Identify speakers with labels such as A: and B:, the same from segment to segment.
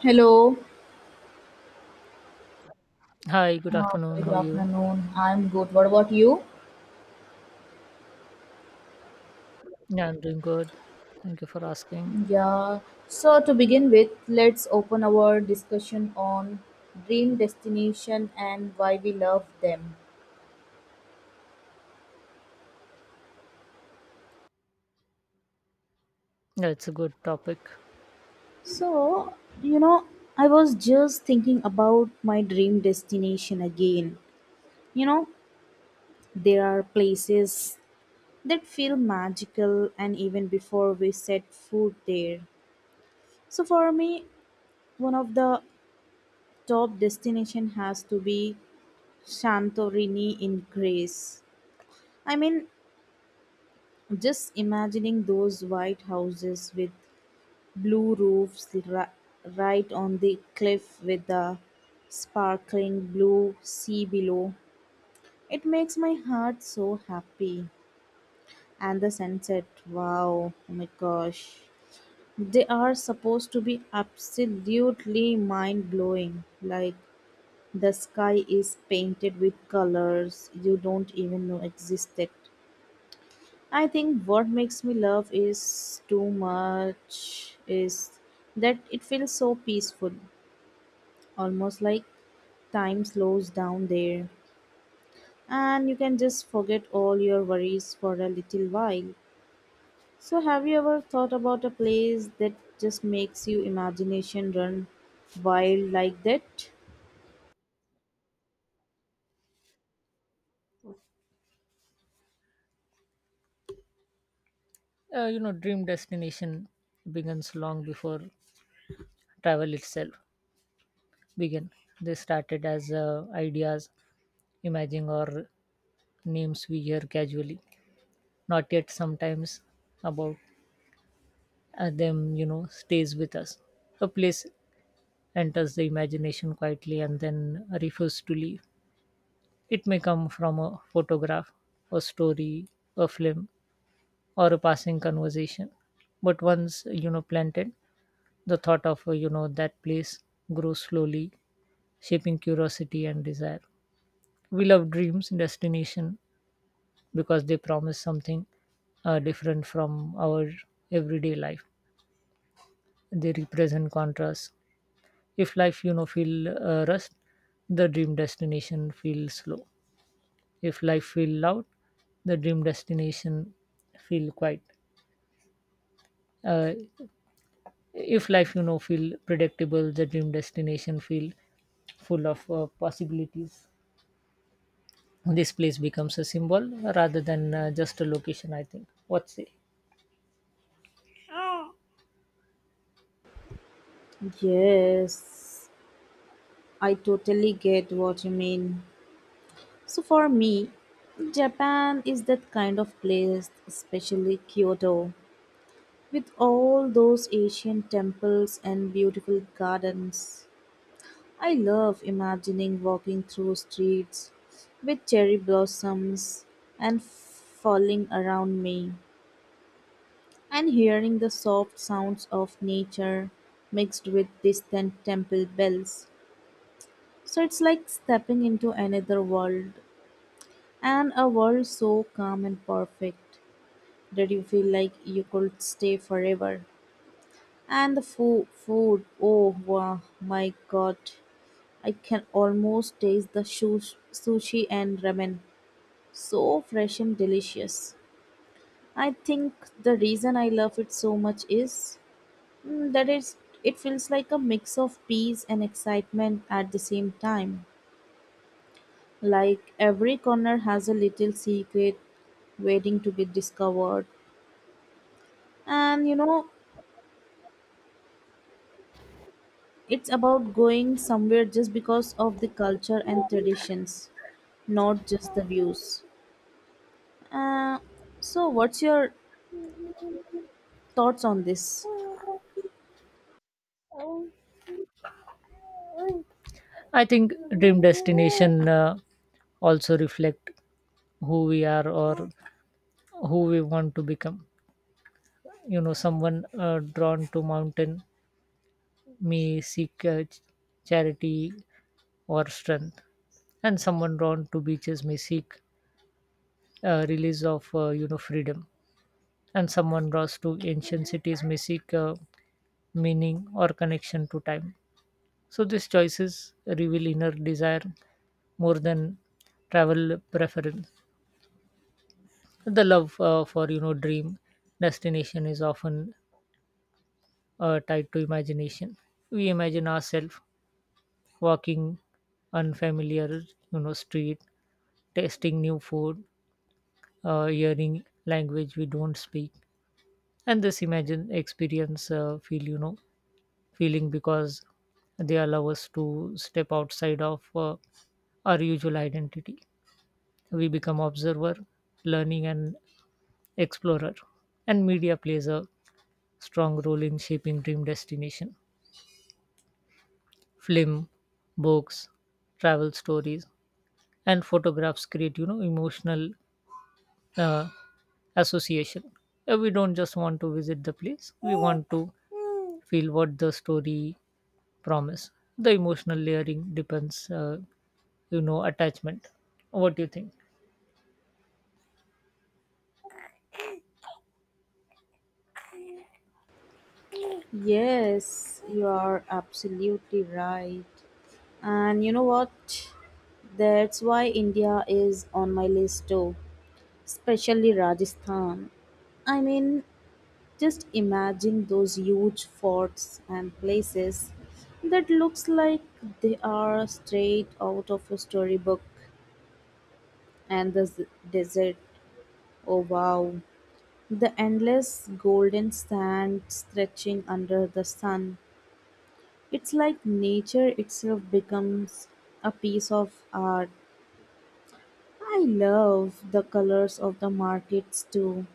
A: Hello.
B: Hi, good afternoon.
A: Very good
B: How are you?
A: afternoon. I'm good. What about you?
B: Yeah, I'm doing good. Thank you for asking.
A: Yeah. So to begin with, let's open our discussion on dream destination and why we love them.
B: Yeah, it's a good topic.
A: So, you know, I was just thinking about my dream destination again. You know, there are places that feel magical and even before we set foot there. So for me, one of the top destination has to be Santorini in Greece. I mean, just imagining those white houses with blue roofs right on the cliff with the sparkling blue sea below. It makes my heart so happy. And the sunset, wow, oh my gosh. They are supposed to be absolutely mind blowing. Like the sky is painted with colors you don't even know existed. I think what makes me love is too much is that it feels so peaceful, almost like time slows down there and you can just forget all your worries for a little while. So have you ever thought about a place that just makes your imagination run wild like that?
B: Dream destination begins long before travel itself began. They started as ideas, imaging or names we hear casually, not yet sometimes about them, stays with us. A place enters the imagination quietly and then refuses to leave. It may come from a photograph, a story, a film, or a passing conversation. But once you know planted, the thought of that place grows slowly, shaping curiosity and desire. We love dreams, destination, because they promise something different from our everyday life. They represent contrast. If life, feel rust, the dream destination feels slow. If life feel loud, the dream destination feel quiet. Uh, if life feel predictable, the dream destination feel full of possibilities. This place becomes a symbol rather than just a location, I think. What say?
A: Yes, I totally get what you mean. So for me, Japan is that kind of place, especially Kyoto, with all those ancient temples and beautiful gardens. I love imagining walking through streets with cherry blossoms and falling around me, and hearing the soft sounds of nature mixed with distant temple bells. So it's like stepping into another world, and a world so calm and perfect. Did you feel like you could stay forever? And the food, oh wow, my god, I can almost taste the sushi and ramen. So fresh and delicious. I think the reason I love it so much is mm, that it's, it feels like a mix of peace and excitement at the same time. Like every corner has a little secret waiting to be discovered. And you know, it's about going somewhere just because of the culture and traditions, not just the views. Uh, so, what's your thoughts on this?
B: I think dream destination also reflect who we are or who we want to become. Someone drawn to mountain may seek charity or strength, and someone drawn to beaches may seek release of freedom, and someone draws to ancient cities may seek meaning or connection to time. So these choices reveal inner desire more than travel preference. The love for you know dream destination is often tied to imagination. We imagine ourselves walking unfamiliar street, tasting new food, hearing language we don't speak, and this imagine experience feel feeling because they allow us to step outside of our usual identity. We become observer, learning, and explorer. And media plays a strong role in shaping dream destination. Film, books, travel stories, and photographs create emotional uh, association. We don't just want to visit the place; we want to feel what the story promise. The emotional layering depends attachment. What do you think?
A: Yes, you are absolutely right. And you know what? That's why India is on my list too, especially Rajasthan. I mean, just imagine those huge forts and places that looks like they are straight out of a storybook and the desert. Oh wow. The endless golden sand stretching under the sun. It's like nature itself becomes a piece of art. I love the colors of the markets too.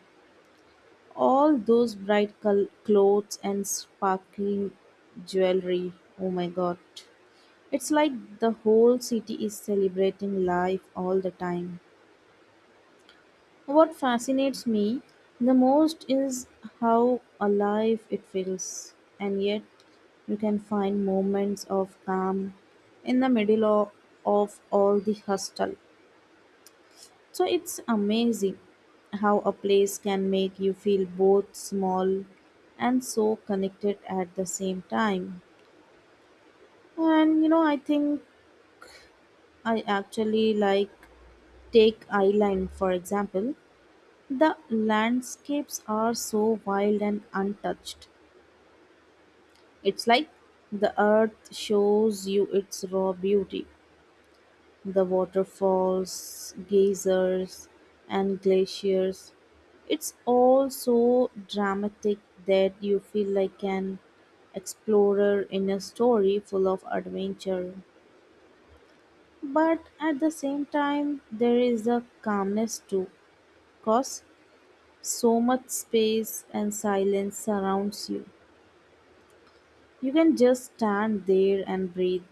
A: All those bright clothes and sparkling jewelry. Oh my god. It's like the whole city is celebrating life all the time. What fascinates me the most is how alive it feels, and yet you can find moments of calm in of all the hustle. So it's amazing how a place can make you feel both small and so connected at the same time. And you know, I think I actually like Take Island for example. The landscapes are so wild and untouched. It's like the earth shows you its raw beauty. The waterfalls, geysers, and glaciers. It's all so dramatic that you feel like an explorer in a story full of adventure. But at the same time, there is a calmness too, cause so much space and silence surrounds you. You can just stand there and breathe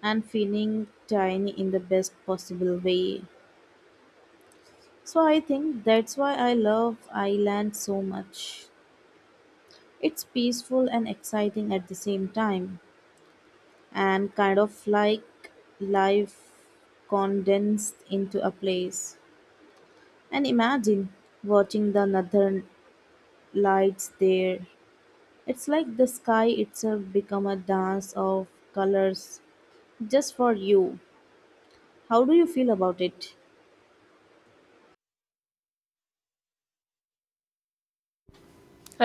A: and feeling tiny in the best possible way. So I think that's why I love Ireland so much. It's peaceful and exciting at the same time, and kind of like life condensed into a place. And imagine watching the northern lights there. It's like the sky itself become a dance of colors just for you. How do you feel about it?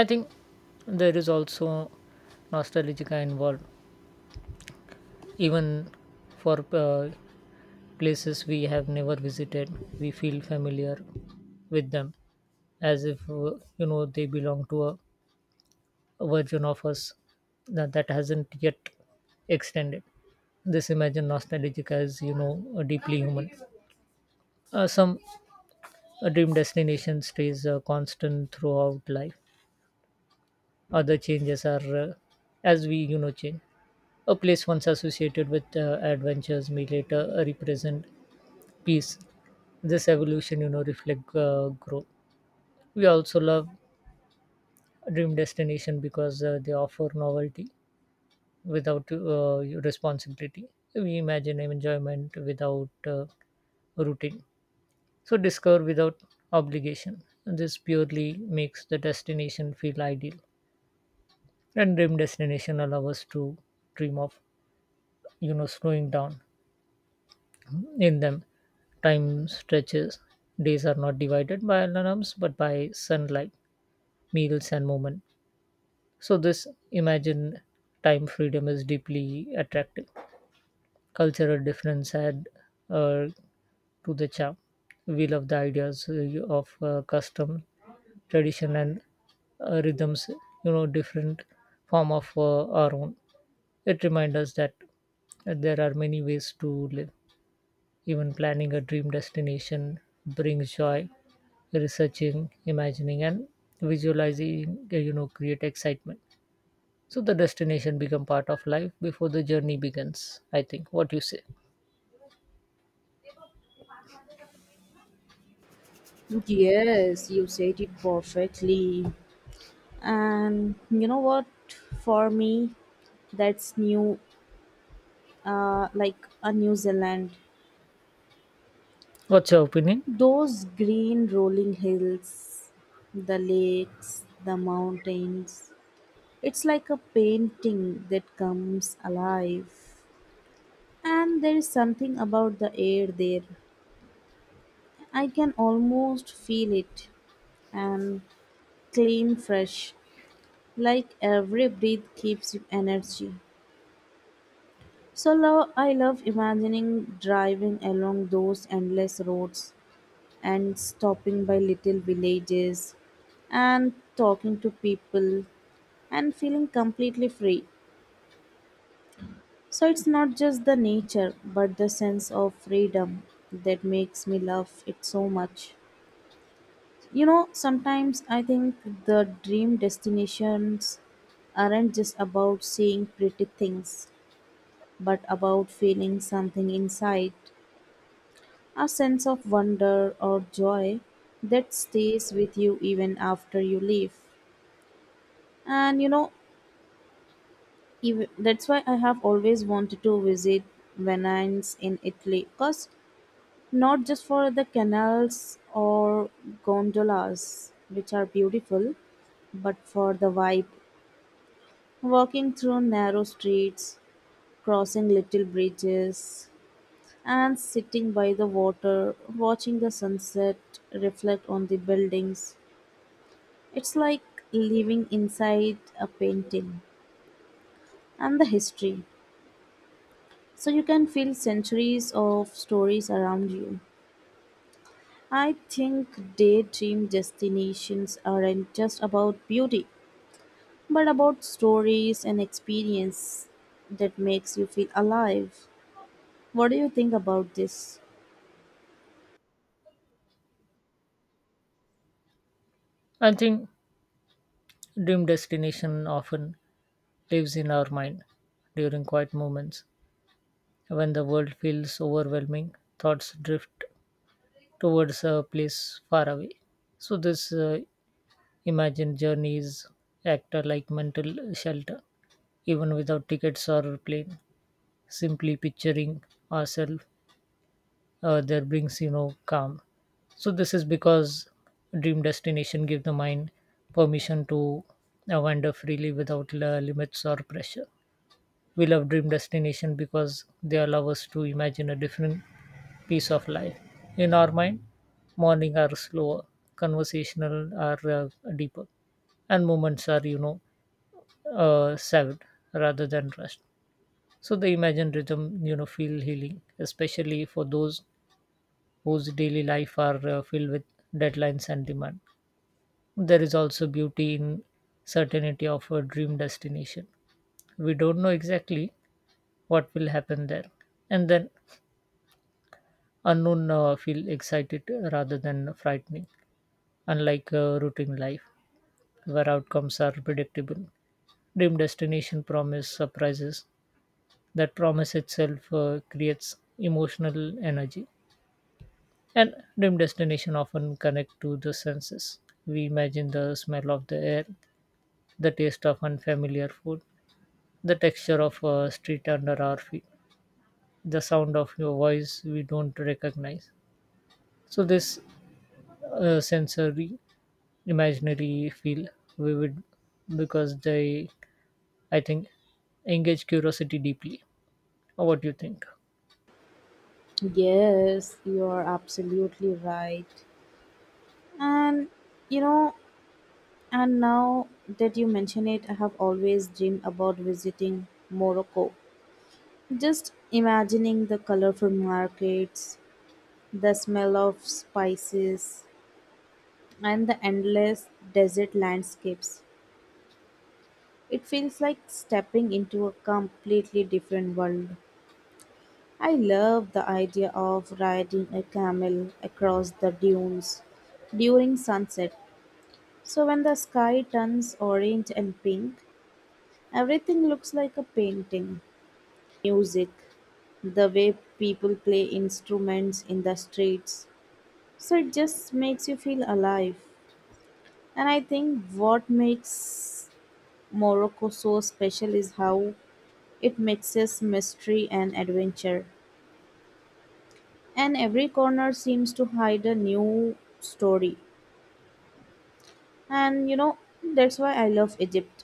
B: I think there is also nostalgia involved even for uh, places we have never visited. We feel familiar with them as if they belong to a version of us that hasn't yet extended. This imagine nostalgic as deeply human. Some dream destination stays constant throughout life. Other changes are, as we change. A place once associated with adventures may later represent peace. This evolution reflect growth. We also love dream destination because they offer novelty without responsibility. We imagine enjoyment without routine. So discover without obligation. This purely makes the destination feel ideal. And dream destination allow us to dream of slowing down. In them, time stretches. Days are not divided by alarms but by sunlight, meals, and movement. So this imagined time freedom is deeply attractive. Cultural difference add uh, to the charm. We love the ideas of custom, tradition, and rhythms, different form of our own. It reminds us that there are many ways to live. Even planning a dream destination brings joy, researching, imagining, and visualizing, create excitement. So the destination become part of life before the journey begins, I think. What you say?
A: Yes, you said it perfectly. And you know what, for me, that's new, like a New Zealand.
B: What's your opinion?
A: Those green rolling hills, the lakes, the mountains, it's like a painting that comes alive. And there is something about the air there. I can almost feel it, and clean, fresh, like every breath keeps you energy. So I love imagining driving along those endless roads and stopping by little villages and talking to people and feeling completely free. So it's not just the nature but the sense of freedom that makes me love it so much. You know, sometimes I think the dream destinations aren't just about seeing pretty things but about feeling something inside. A sense of wonder or joy that stays with you even after you leave. And you know, ev that's why I have always wanted to visit Venice in Italy, because not just for the canals or gondolas, which are beautiful, but for the vibe. Walking through narrow streets, crossing little bridges, and sitting by the water, watching the sunset reflect on the buildings. It's like living inside a painting and the history. So you can feel centuries of stories around you. I think daydream destinations aren't just about beauty, but about stories and experience that makes you feel alive. What do you think about this?
B: I think dream destination often lives in our mind during quiet moments when the world feels overwhelming. Thoughts drift towards a place far away. So this imagined journeys act like mental shelter, even without tickets or plane. Simply picturing ourselves there brings calm. So this is because dream destination give the mind permission to wander freely without limits or pressure. We love dream destination because they allow us to imagine a different piece of life. In our mind, morning are slower, conversational are deeper, and moments are saved rather than rushed. So the imagine rhythm, feel healing, especially for those whose daily life are filled with deadlines and demand. There is also beauty in certainty of a dream destination. We don't know exactly what will happen there, and then unknown feel excited rather than frightening. Unlike routine life, where outcomes are predictable, dream destination promise surprises. That promise itself creates emotional energy. And dream destination often connect to the senses. We imagine the smell of the air, the taste of unfamiliar food, the texture of a street under our feet, the sound of your voice we don't recognize. So this sensory imaginary feel vivid because they, I think, engage curiosity deeply. What do you think?
A: Yes, you are absolutely right. And you know, and now that you mention it, I have always dreamed about visiting Morocco. Just imagining the colorful markets, the smell of spices, and the endless desert landscapes. It feels like stepping into a completely different world. I love the idea of riding a camel across the dunes during sunset. So when the sky turns orange and pink, everything looks like a painting. Music, the way people play instruments in the streets. So it just makes you feel alive. And I think what makes Morocco so special is how it mixes mystery and adventure. And every corner seems to hide a new story. And you know, that's why I love Egypt.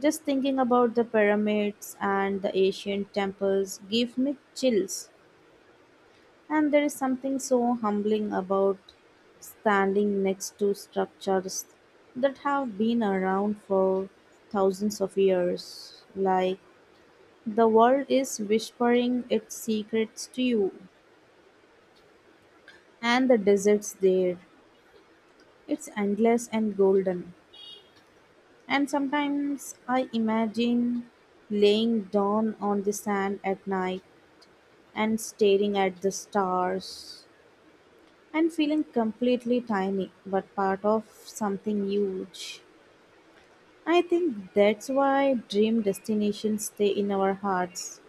A: Just thinking about the pyramids and the ancient temples give me chills. And there is something so humbling about standing next to structures that have been around for thousands of years. Like the world is whispering its secrets to you, and the desert's there. It's endless and golden. And sometimes I imagine laying down on the sand at night and staring at the stars and feeling completely tiny but part of something huge. I think that's why dream destinations stay in our hearts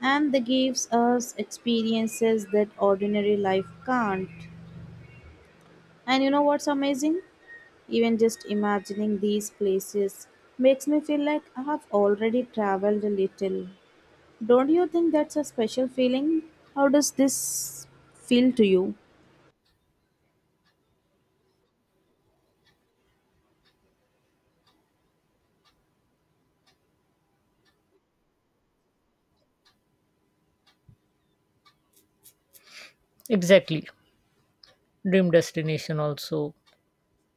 A: and they gives us experiences that ordinary life can't. And you know what's amazing? Even just imagining these places makes me feel like I have already traveled a little. Don't you think that's a special feeling? How does this feel to you?
B: Exactly. Dream destination also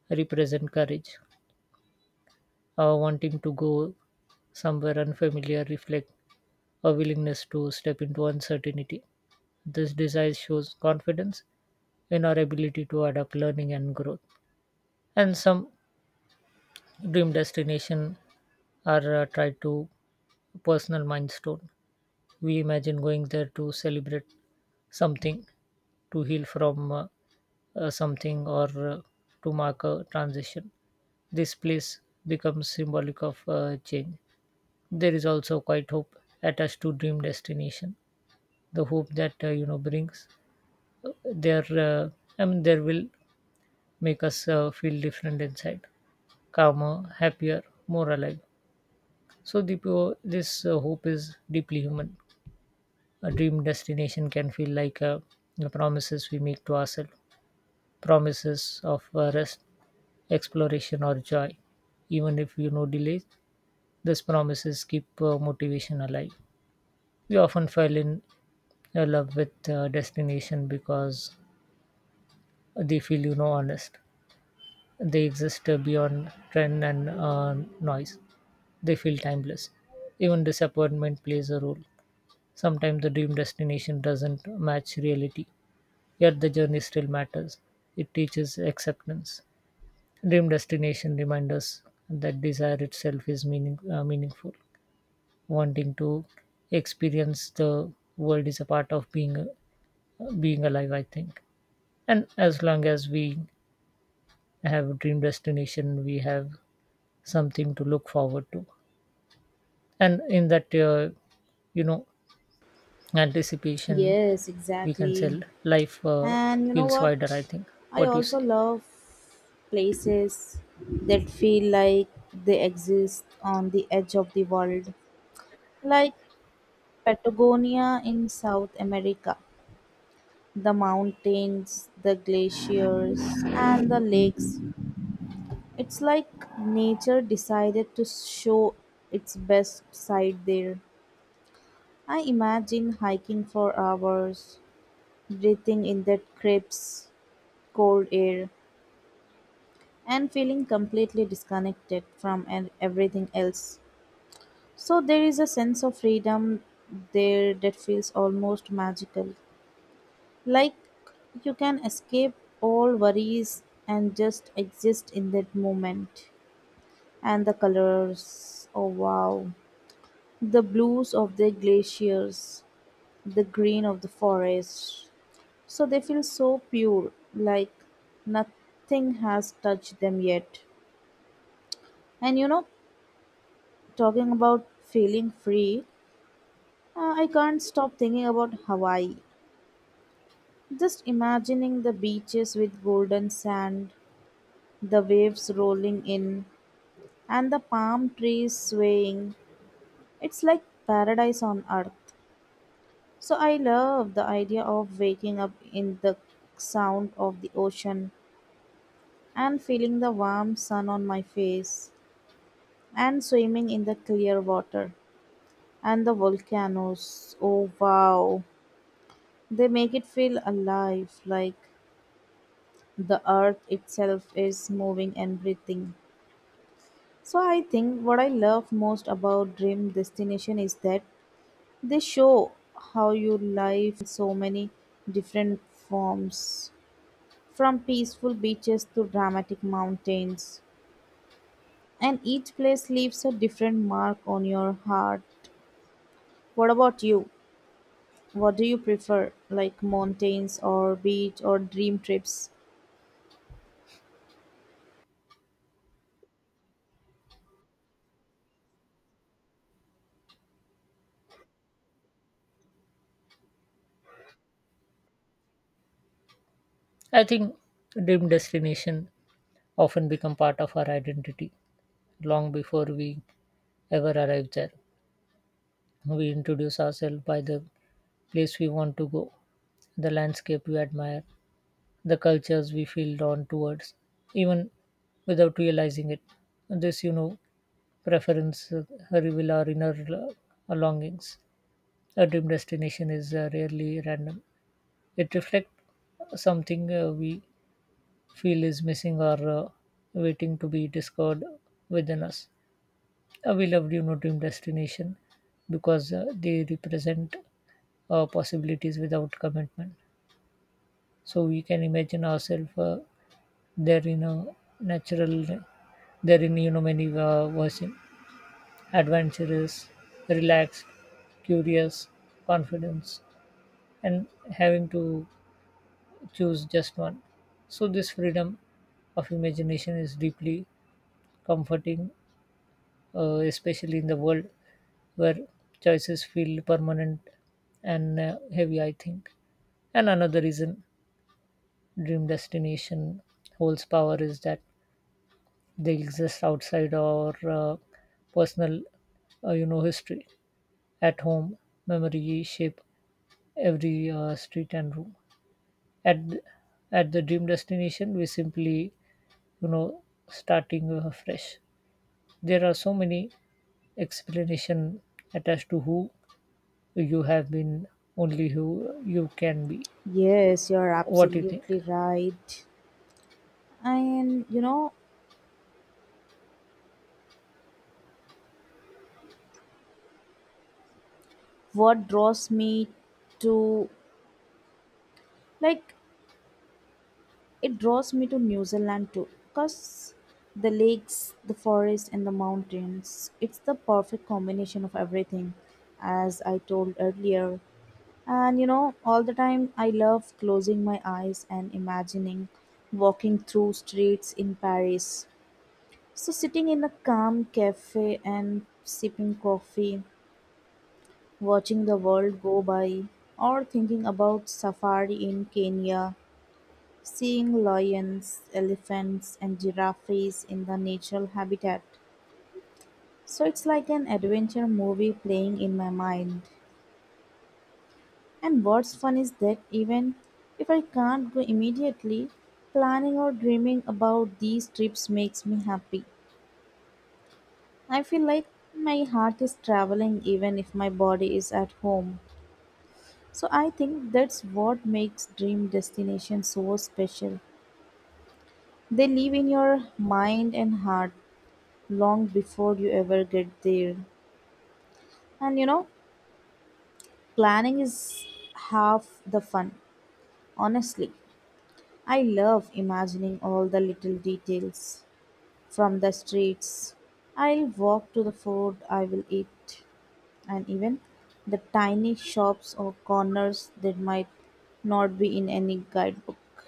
B: represent courage. Wanting to go somewhere unfamiliar reflect a willingness to step into uncertainty. This desire shows confidence in our ability to adapt learning and growth. And some dream destination are tied to personal milestone. We imagine going there to celebrate something, to heal from something, or to mark a transition. This place becomes symbolic of change. There is also quite hope attached to dream destination. The hope that brings there, there will make us feel different inside, calmer, happier, more alive. So the pure, this hope is deeply human. A dream destination can feel like the promises we make to ourselves, promises of rest, exploration, or joy. Even if delays, these promises keep motivation alive. We often fall in love with destination because they feel honest. They exist beyond trend and noise. They feel timeless. Even disappointment plays a role. Sometimes the dream destination doesn't match reality, yet the journey still matters. It teaches acceptance. Dream destination reminds us that desire itself is meaning, meaningful. Wanting to experience the world is a part of being alive, I think. And as long as we have a dream destination, we have something to look forward to. And in that you know anticipation
A: Yes,
B: we can
A: exactly.
B: say life
A: And you know
B: feels wider, I
A: what?
B: think.
A: I
B: What do you
A: also
B: say?
A: love places that feel like they exist on the edge of the world, like Patagonia in South America. The mountains, the glaciers, and the lakes. It's like nature decided to show its best side there. I imagine hiking for hours, breathing in that crisp, cold air and feeling completely disconnected from everything else. So there is a sense of freedom there that feels almost magical. Like you can escape all worries and just exist in that moment. And the colors, oh wow. The blues of the glaciers, the green of the forest. So they feel so pure, like nothing has touched them yet. And you know, talking about feeling free, I can't stop thinking about Hawaii. Just imagining the beaches with golden sand, the waves rolling in, and the palm trees swaying. It's like paradise on earth. So I love the idea of waking up in the sound of the ocean and feeling the warm sun on my face and swimming in the clear water and the volcanoes. Oh wow. They make it feel alive, like the earth itself is moving and breathing. So I think what I love most about Dream Destination is that they show how your life can take so many different forms from peaceful beaches to dramatic mountains and each place leaves a different mark on your heart. What about you? What do you prefer, like mountains or beach or dream trips?
B: I think dream destination often become part of our identity long before we ever arrive there. We introduce ourselves by the place we want to go, the landscape we admire, the cultures we feel drawn towards, even without realizing it. This preference reveal our inner longings. A dream destination is rarely random. It reflects something we feel is missing or waiting to be discovered within us. We love dream destination because they represent possibilities without commitment. So we can imagine ourselves there in a natural, there in many version, adventurous, relaxed, curious, confidence, and having to choose just one. So this freedom of imagination is deeply comforting, especially in the world where choices feel permanent and heavy, I think. And another reason dream destination holds power is that they exist outside our personal, history. At home, memory shape every street and room. At th- at the dream destination, we simply you know starting fresh. There are so many explanation attached to who you have been, only who you can be.
A: Yes, you're
B: What do you think?
A: absolutely right. And you know what draws me to, like, it draws me to New Zealand too because the lakes, the forest, and the mountains, it's the perfect combination of everything, as I told earlier. And you know, all the time I love closing my eyes and imagining walking through streets in Paris. So, sitting in a calm cafe and sipping coffee watching the world go by, or thinking about safari in Kenya, seeing lions, elephants, and giraffes in the natural habitat. So it's like an adventure movie playing in my mind. And what's fun is that even if I can't go immediately, planning or dreaming about these trips makes me happy. I feel like my heart is traveling even if my body is at home. So I think that's what makes dream destinations so special. They live in your mind and heart long before you ever get there. And you know, planning is half the fun. Honestly, I love imagining all the little details from the streets. I'll walk to the food I will eat, and even the tiny shops or corners that might not be in any guidebook.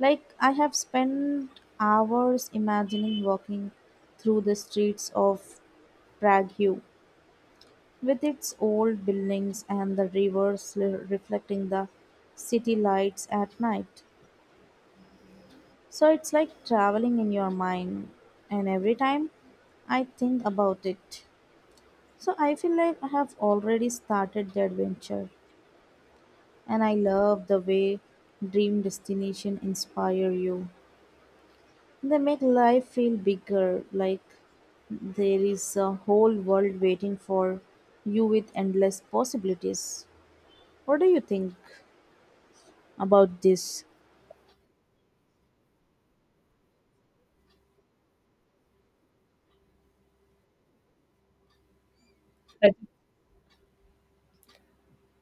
A: Like, I have spent hours imagining walking through the streets of Prague with its old buildings and the rivers reflecting the city lights at night. So it's like traveling in your mind, and every time I think about it. So I feel like I have already started the adventure, and I love the way dream destination inspire you. They make life feel bigger, like there is a whole world waiting for you with endless possibilities. What do you think about this?
B: i,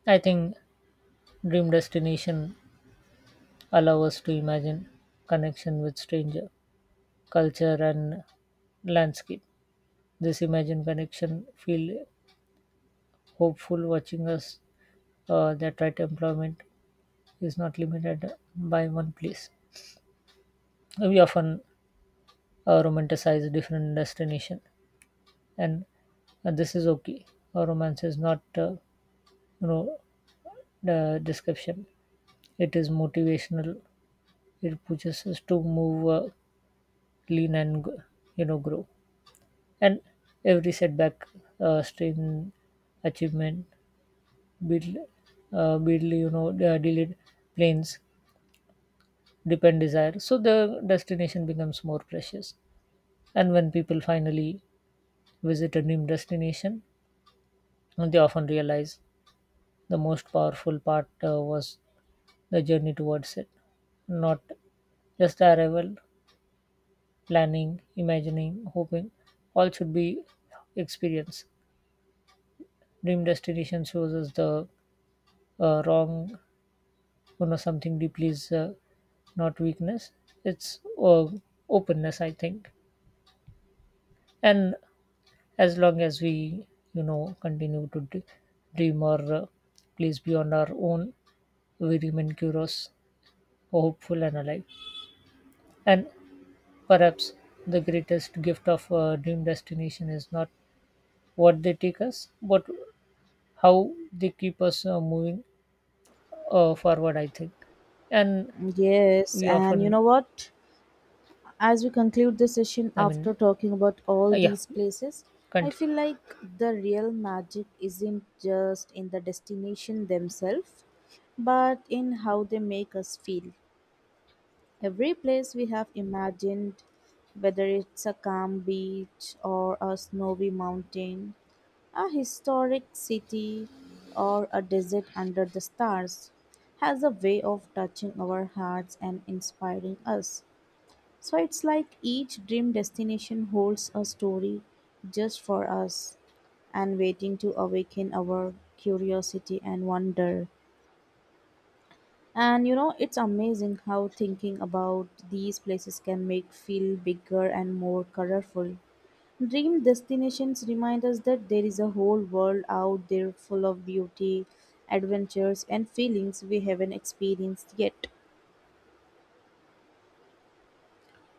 B: I think dream destination allow us to imagine connection with stranger culture and landscape. This imagine connection feel hopeful, watching us that right employment is not limited by one place. We often romanticize different destination, and this is okay. A romance is not, you know, the description. It is motivational. It pushes us to move, lean, and grow. And every setback, strain, achievement, build, build, delayed planes, depend desire. So the destination becomes more precious. And when people finally visit a dream destination, they often realize the most powerful part was the journey towards it, not just the arrival, planning, imagining, hoping. All should be experience. Dream destination shows us the wrong, something deeply is not weakness. It's openness, I think. And as long as we, continue to dream or place beyond our own, we remain curious, hopeful, and alive. And perhaps the greatest gift of dream destination is not what they take us, but how they keep us moving forward, I think. And
A: Yes,
B: we
A: and you
B: often,
A: know what? As we conclude the session
B: I mean,
A: after talking about all
B: yeah,
A: these places, I
B: continue.
A: feel like the real magic isn't just in the destination themselves, but in how they make us feel. Every place we have imagined, whether it's a calm beach or a snowy mountain, a historic city or a desert under the stars, has a way of touching our hearts and inspiring us. So it's like each dream destination holds a story just for us and waiting to awaken our curiosity and wonder. And you know, it's amazing how thinking about these places can make feel bigger and more colorful. Dream destinations remind us that there is a whole world out there full of beauty, adventures, and feelings we haven't experienced yet.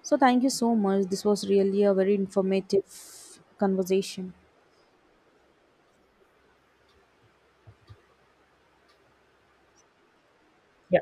A: So, thank you so much. This was really a very informative conversation.
B: Yeah,